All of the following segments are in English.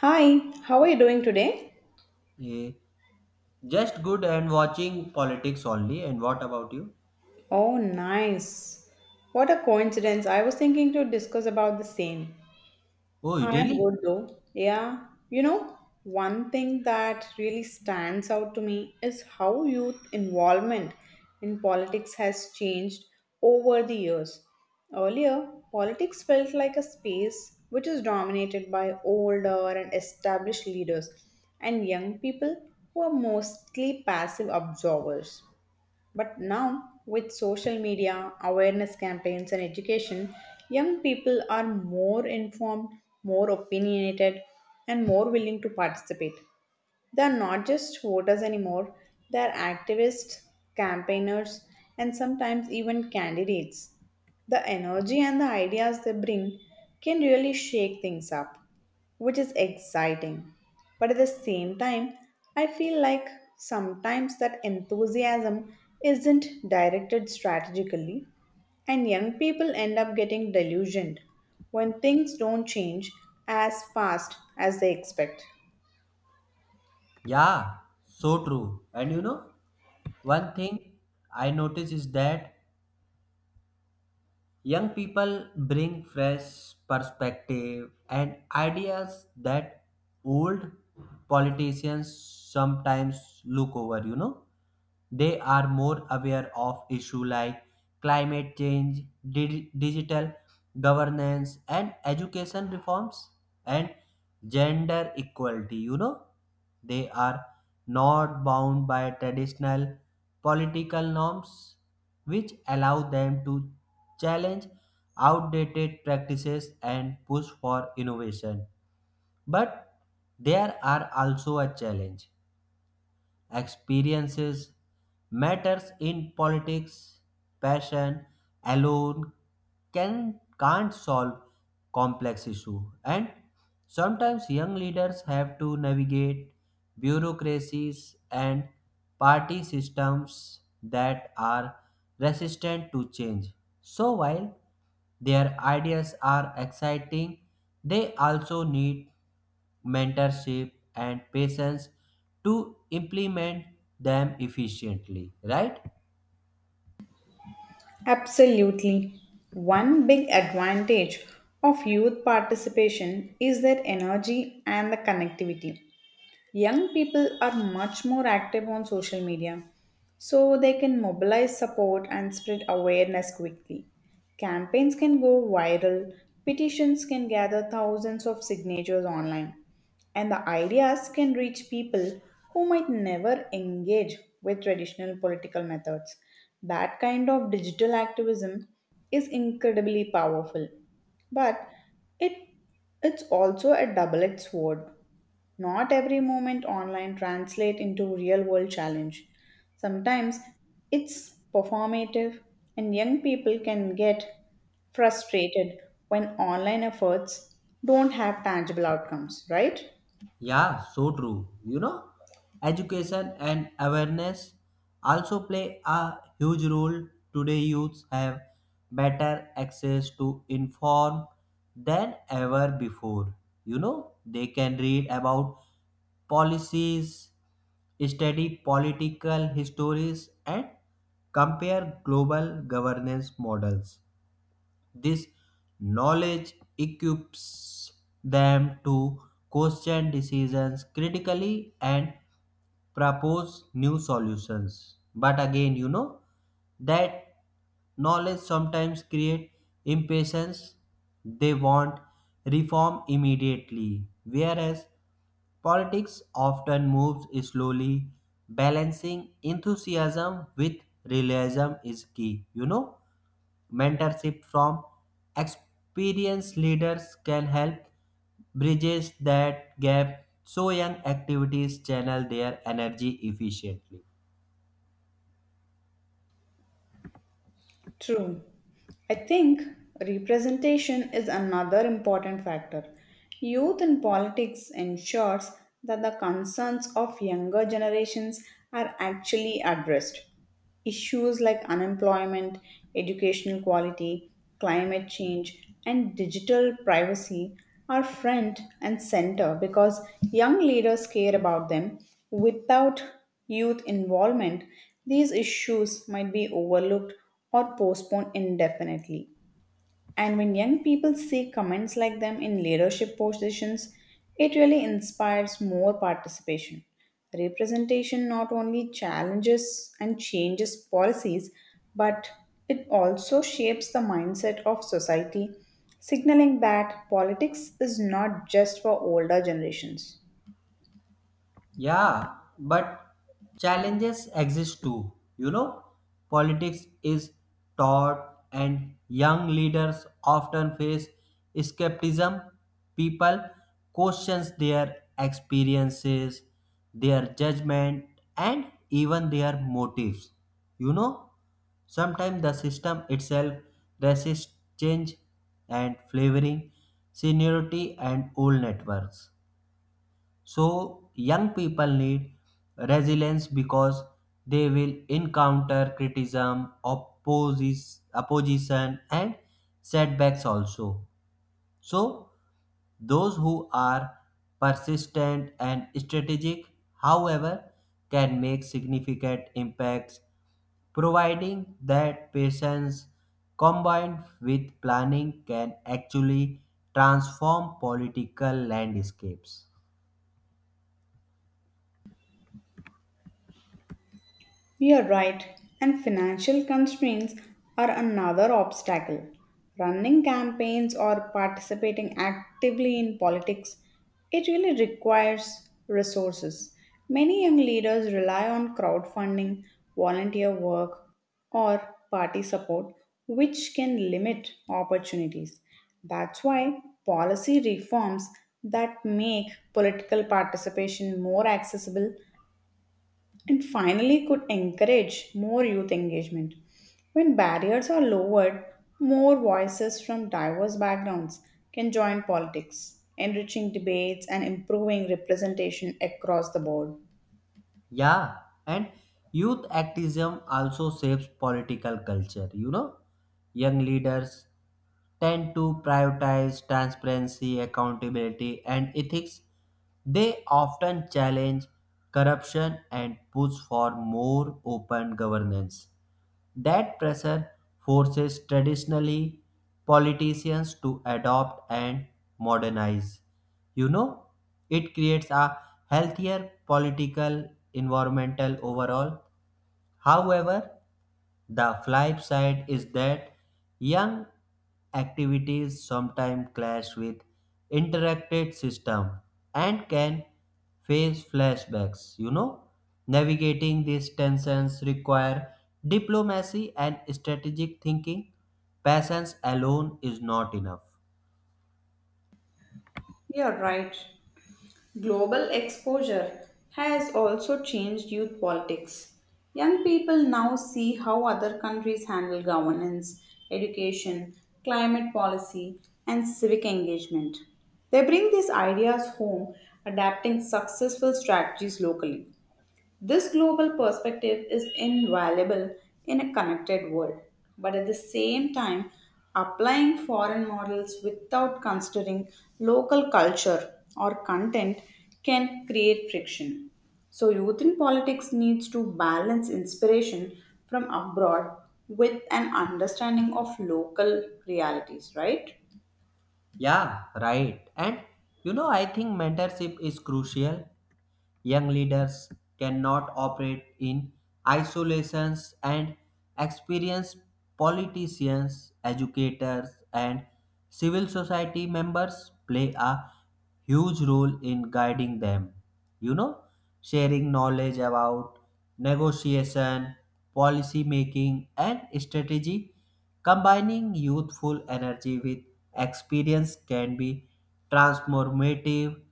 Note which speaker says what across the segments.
Speaker 1: Hi, how are you doing today?
Speaker 2: Yeah. Just good and watching politics only. And what about you?
Speaker 1: Oh, nice. What a coincidence. I was thinking to discuss about the same.
Speaker 2: Oh,
Speaker 1: I am
Speaker 2: really?
Speaker 1: good though. Yeah. You know, one thing that really stands out to me is how youth involvement in politics has changed over the years. Earlier, politics felt like a space which is dominated by older and established leaders, and young people were mostly passive observers. But now, with social media, awareness campaigns, and education, young people are more informed, more opinionated, and more willing to participate. They're not just voters anymore, they're activists, campaigners, and sometimes even candidates. The energy and the ideas they bring can really shake things up, which is exciting. But at the same time, I feel like sometimes that enthusiasm isn't directed strategically, and young people end up getting delusioned when things don't change as fast as they expect.
Speaker 2: Yeah, so true. And one thing I notice is that young people bring fresh perspective and ideas that old politicians sometimes look over. They are more aware of issues like climate change, digital governance, and education reforms and gender equality. They are not bound by traditional political norms, which allow them to challenge outdated practices and push for innovation. But there are also a challenge experiences matters in politics passion alone can't solve complex issue, and sometimes young leaders have to navigate bureaucracies and party systems that are resistant to change. So while their ideas are exciting, they also need mentorship and patience to implement them efficiently, right?
Speaker 1: Absolutely. One big advantage of youth participation is their energy and the connectivity. Young people are much more active on social media, so they can mobilize support and spread awareness quickly. Campaigns can go viral, petitions can gather thousands of signatures online, and the ideas can reach people who might never engage with traditional political methods. That kind of digital activism is incredibly powerful, but it it's also a double-edged sword. Not every moment online translate into real world challenge. Sometimes it's performative and young people can get frustrated when online efforts don't have tangible outcomes, right?
Speaker 2: Yeah, so true. Education and awareness also play a huge role. Today, youths have better access to inform than ever before. They can read about policies, study political histories, and compare global governance models. This knowledge equips them to question decisions critically and propose new solutions. But again, that knowledge sometimes create impatience. They want reform immediately, whereas politics often moves slowly. Balancing enthusiasm with realism is key. Mentorship from experienced leaders can help bridges that gap so young activities channel their energy efficiently.
Speaker 1: True. I think representation is another important factor. Youth in politics ensures that the concerns of younger generations are actually addressed. Issues like unemployment, educational quality, climate change, and digital privacy are front and center because young leaders care about them. Without youth involvement, these issues might be overlooked or postponed indefinitely. And when young people see comments like them in leadership positions, it really inspires more participation. Representation not only challenges and changes policies, but it also shapes the mindset of society, signaling that politics is not just for older generations.
Speaker 2: Yeah, but challenges exist too. Politics is taught, and young leaders often face skepticism. People questions their experiences, their judgment, and even their motives. You know, sometimes the system itself resists change and flavoring seniority and old networks. So, young people need resilience because they will encounter criticism, opposition, and setbacks also. So, those who are persistent and strategic, however, can make significant impacts, providing that patience combined with planning can actually transform political landscapes.
Speaker 1: You're right, and financial constraints are another obstacle. Running campaigns or participating actively in politics, it really requires resources. Many young leaders rely on crowdfunding, volunteer work, or party support, which can limit opportunities. That's why policy reforms that make political participation more accessible and finally could encourage more youth engagement. When barriers are lowered, more voices from diverse backgrounds can join politics, enriching debates and improving representation across the board.
Speaker 2: Yeah, and youth activism also shapes political culture. Young leaders tend to prioritize transparency, accountability, and ethics. They often challenge corruption and push for more open governance. That pressure forces traditionally politicians to adopt and modernize. You know, it creates a healthier political environmental overall. However, the flip side is that young activities sometimes clash with interacted system and can face flashbacks. Navigating these tensions require diplomacy and strategic thinking. Patience alone is not enough.
Speaker 1: You're right. Global exposure has also changed youth politics. Young people now see how other countries handle governance, education, climate policy, and civic engagement. They bring these ideas home, adapting successful strategies locally. This global perspective is invaluable in a connected world, but at the same time, applying foreign models without considering local culture or content can create friction. So, youth in politics needs to balance inspiration from abroad with an understanding of local realities, right?
Speaker 2: Yeah, right. And I think mentorship is crucial. Young leaders cannot operate in isolations, and experienced politicians, educators, and civil society members play a huge role in guiding them. You know, sharing knowledge about negotiation, policy making, and strategy, combining youthful energy with experience can be transformative.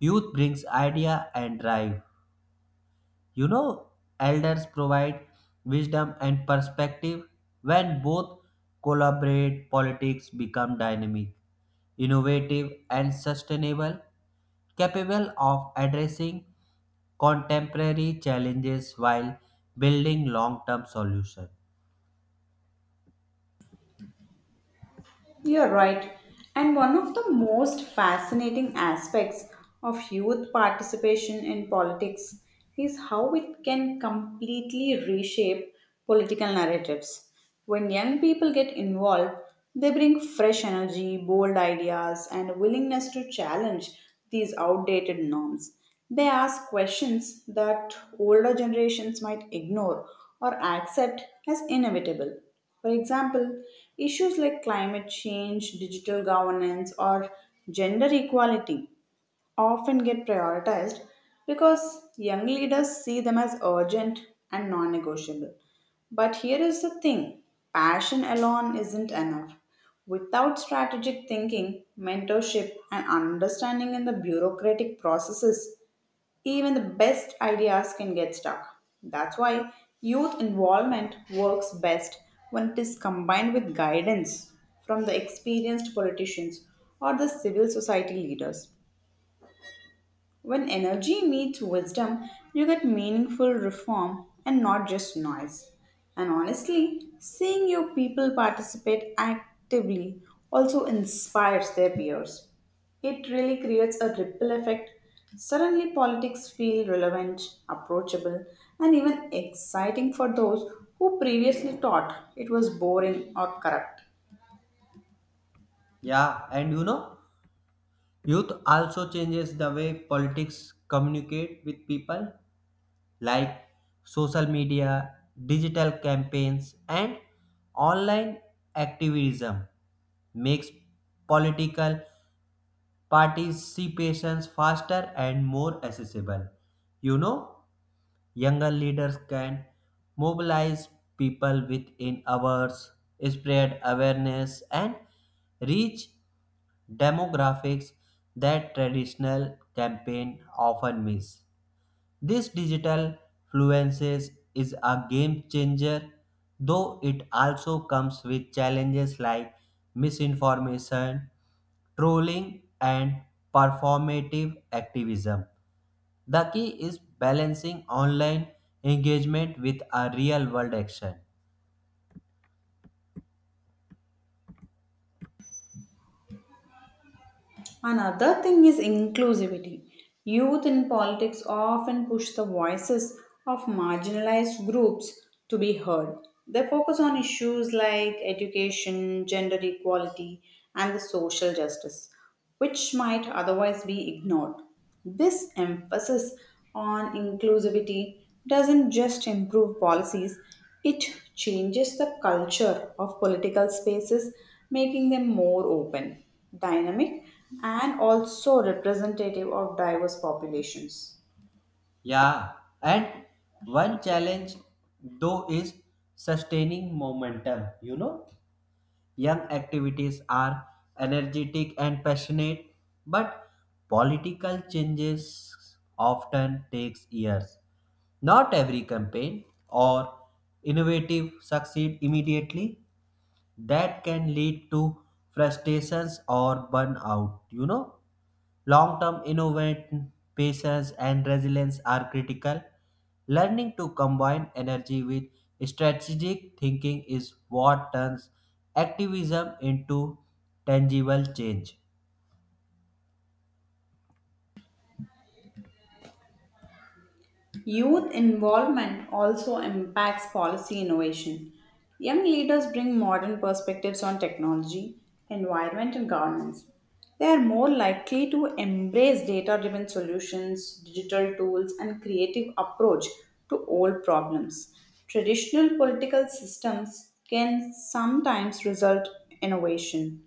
Speaker 2: Youth brings idea and drive. You know, elders provide wisdom and perspective. When both collaborate, politics become dynamic, innovative, and sustainable, capable of addressing contemporary challenges while building long-term solutions.
Speaker 1: You're right. And one of the most fascinating aspects of youth participation in politics is how it can completely reshape political narratives. When young people get involved, they bring fresh energy, bold ideas, and a willingness to challenge these outdated norms. They ask questions that older generations might ignore or accept as inevitable. For example, issues like climate change, digital governance, or gender equality often get prioritized because young leaders see them as urgent and non negotiable. But here is the thing passion alone isn't enough. Without strategic thinking, mentorship, and understanding in the bureaucratic processes, even the best ideas can get stuck. That's why youth involvement works best when it is combined with guidance from the experienced politicians or the civil society leaders. When energy meets wisdom, you get meaningful reform and not just noise. And honestly, seeing your people participate actively also inspires their peers. It really creates a ripple effect. Suddenly, politics feel relevant, approachable, and even exciting for those who previously thought it was boring or corrupt.
Speaker 2: Yeah, and youth also changes the way politics communicate with people. Like social media, digital campaigns, and online activism makes political participations faster and more accessible. You know, younger leaders can mobilize people within hours, spread awareness, and reach demographics that traditional campaign often miss. This digital fluency is a game changer, though it also comes with challenges like misinformation, trolling, and performative activism. The key is balancing online engagement with a real world action.
Speaker 1: Another thing is inclusivity. Youth in politics often push the voices of marginalized groups to be heard. They focus on issues like education, gender equality, and the social justice, which might otherwise be ignored. This emphasis on inclusivity doesn't just improve policies, it changes the culture of political spaces, making them more open, dynamic, and also representative of diverse populations.
Speaker 2: Yeah, and one challenge though is sustaining momentum, you know. Young activities are energetic and passionate, but political changes often takes years. Not every campaign or innovative succeed immediately. That can lead to frustrations or burnout? Long term innovation, patience, and resilience are critical. Learning to combine energy with strategic thinking is what turns activism into tangible change.
Speaker 1: Youth involvement also impacts policy innovation. Young leaders bring modern perspectives on technology, environment, and governance. They are more likely to embrace data driven solutions, digital tools, and creative approach to old problems. Traditional political systems can sometimes result innovation.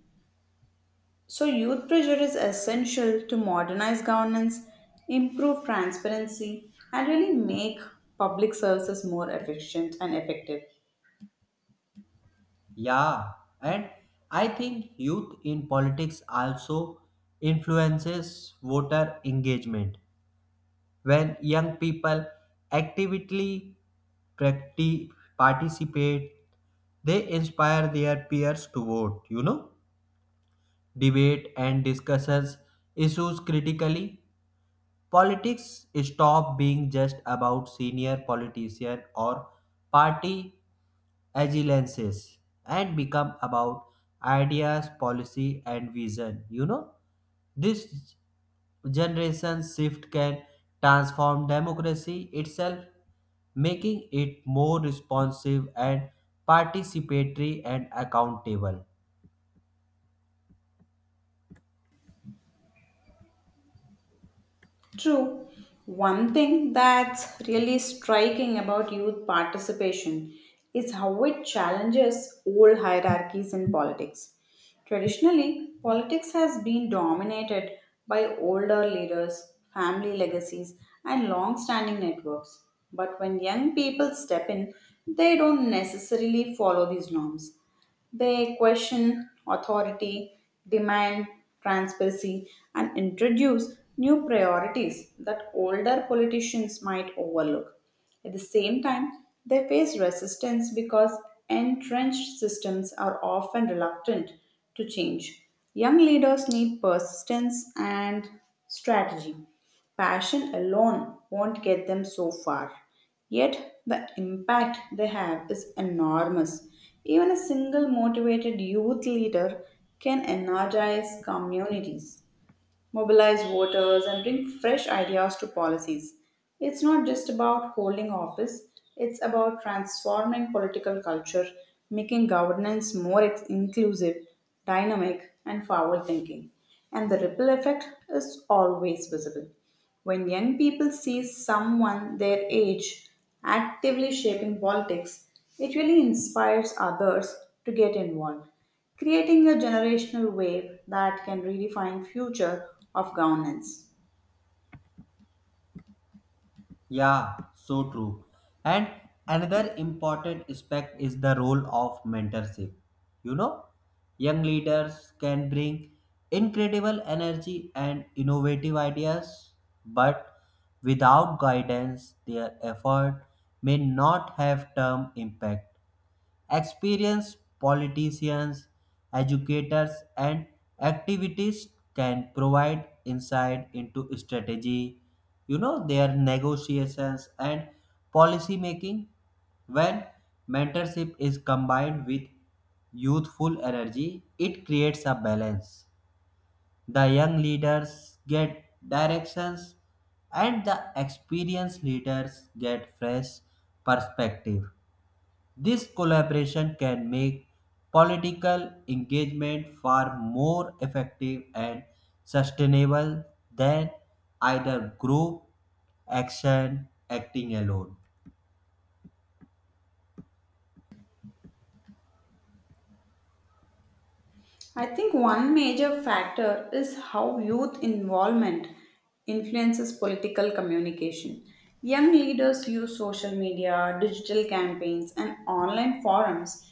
Speaker 1: So, youth pressure is essential to modernize governance, improve transparency, and really make public services more efficient and effective.
Speaker 2: Yeah, and I think youth in politics also influences voter engagement. When young people actively practi- participate, they inspire their peers to vote, debate, and discusses issues critically. Politics stop being just about senior politician or party agilances and become about ideas, policy, and vision. This generation shift can transform democracy itself, making it more responsive and participatory and accountable.
Speaker 1: True. One thing that's really striking about youth participation is how it challenges old hierarchies in politics. Traditionally, politics has been dominated by older leaders, family legacies, and long standing networks. But when young people step in, they don't necessarily follow these norms. They question authority, demand transparency, and introduce new priorities that older politicians might overlook. At the same time, they face resistance because entrenched systems are often reluctant to change. Young leaders need persistence and strategy. Passion alone won't get them so far. Yet the impact they have is enormous. Even a single motivated youth leader can energize communities, mobilize voters, and bring fresh ideas to policies. It's not just about holding office, it's about transforming political culture, making governance more inclusive, dynamic, and forward thinking. And the ripple effect is always visible. When young people see someone their age actively shaping politics, it really inspires others to get involved, creating a generational wave that can redefine future of governance.
Speaker 2: Yeah, so true. And another important aspect is the role of mentorship. You know, young leaders can bring incredible energy and innovative ideas, but without guidance, their effort may not have term impact. Experienced politicians, educators, and activists can provide insight into strategy, their negotiations and policy making. When mentorship is combined with youthful energy, it creates a balance. The young leaders get directions, and the experienced leaders get fresh perspective. This collaboration can make political engagement far more effective and sustainable than either group action acting alone.
Speaker 1: I think one major factor is how youth involvement influences political communication. Young leaders use social media, digital campaigns, and online forums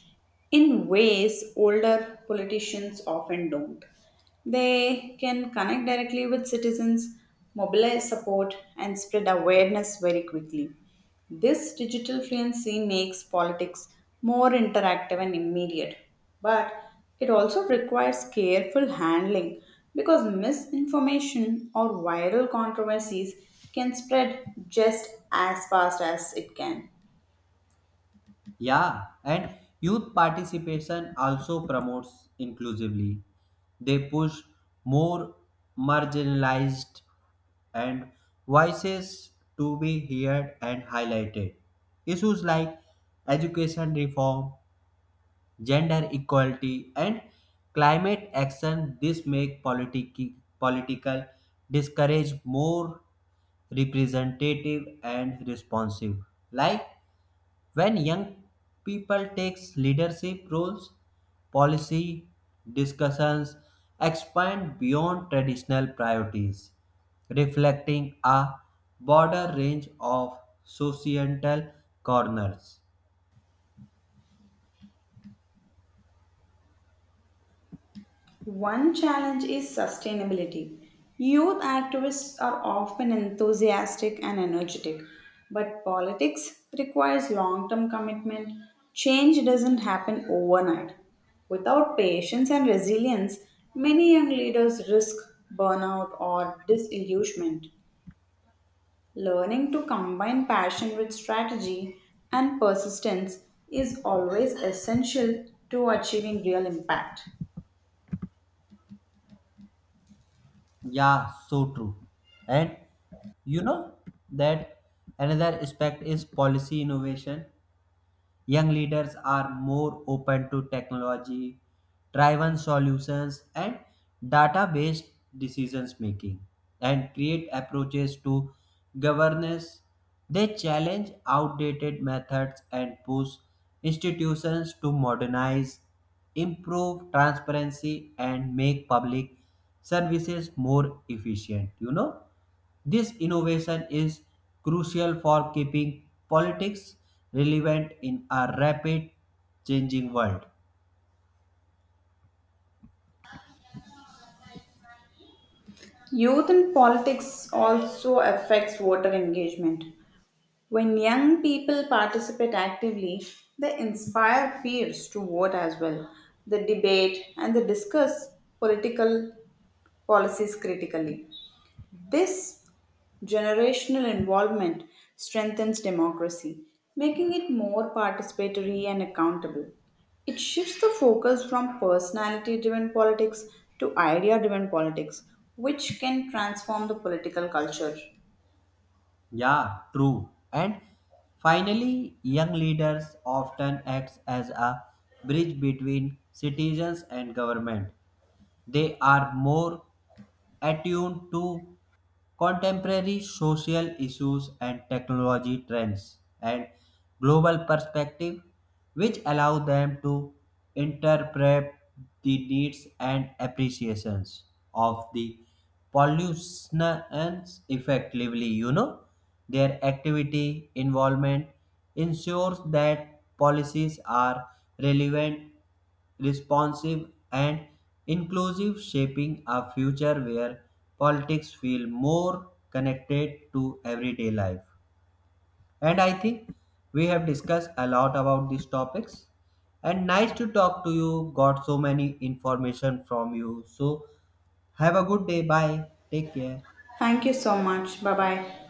Speaker 1: in ways older politicians often don't. They can connect directly with citizens, mobilize support, and spread awareness very quickly. This digital fluency makes politics more interactive and immediate, but it also requires careful handling because misinformation or viral controversies can spread just as fast as it can.
Speaker 2: Yeah, and youth participation also promotes inclusively. They push more marginalized and voices to be heard and highlighted. Issues like education reform, gender equality and climate action this make political discourage more representative and responsive. Like when young people takes leadership roles, policy discussions expand beyond traditional priorities, reflecting a broader range of societal corners.
Speaker 1: One challenge is sustainability. Youth activists are often enthusiastic and energetic, but politics requires long term commitment. Change doesn't happen overnight. Without patience and resilience, many young leaders risk burnout or disillusionment. Learning to combine passion with strategy and persistence is always essential to achieving real impact.
Speaker 2: Yeah, so true. And you know that another aspect is policy innovation. Young leaders are more open to technology driven solutions and data based decisions making and create approaches to governance. They challenge outdated methods and push institutions to modernize, improve transparency, and make public services more efficient. This innovation is crucial for keeping politics relevant in a rapid changing world.
Speaker 1: Youth in politics also affects voter engagement. When young people participate actively, they inspire peers to vote as well. They debate and they discuss political policies critically. This generational involvement strengthens democracy, making it more participatory and accountable. It shifts the focus from personality driven politics to idea driven politics, which can transform the political culture.
Speaker 2: Yeah, true. And finally, young leaders often act as a bridge between citizens and government. They are more attuned to contemporary social issues and technology trends and global perspective, which allow them to interpret the needs and appreciations of the pollutionants effectively. Their activity involvement ensures that policies are relevant, responsive, and inclusive, shaping a future where politics feel more connected to everyday life. And I think we have discussed a lot about these topics. And nice to talk to you. Got so many information from you. So have a good day. Bye. Take care.
Speaker 1: Thank you so much. Bye bye.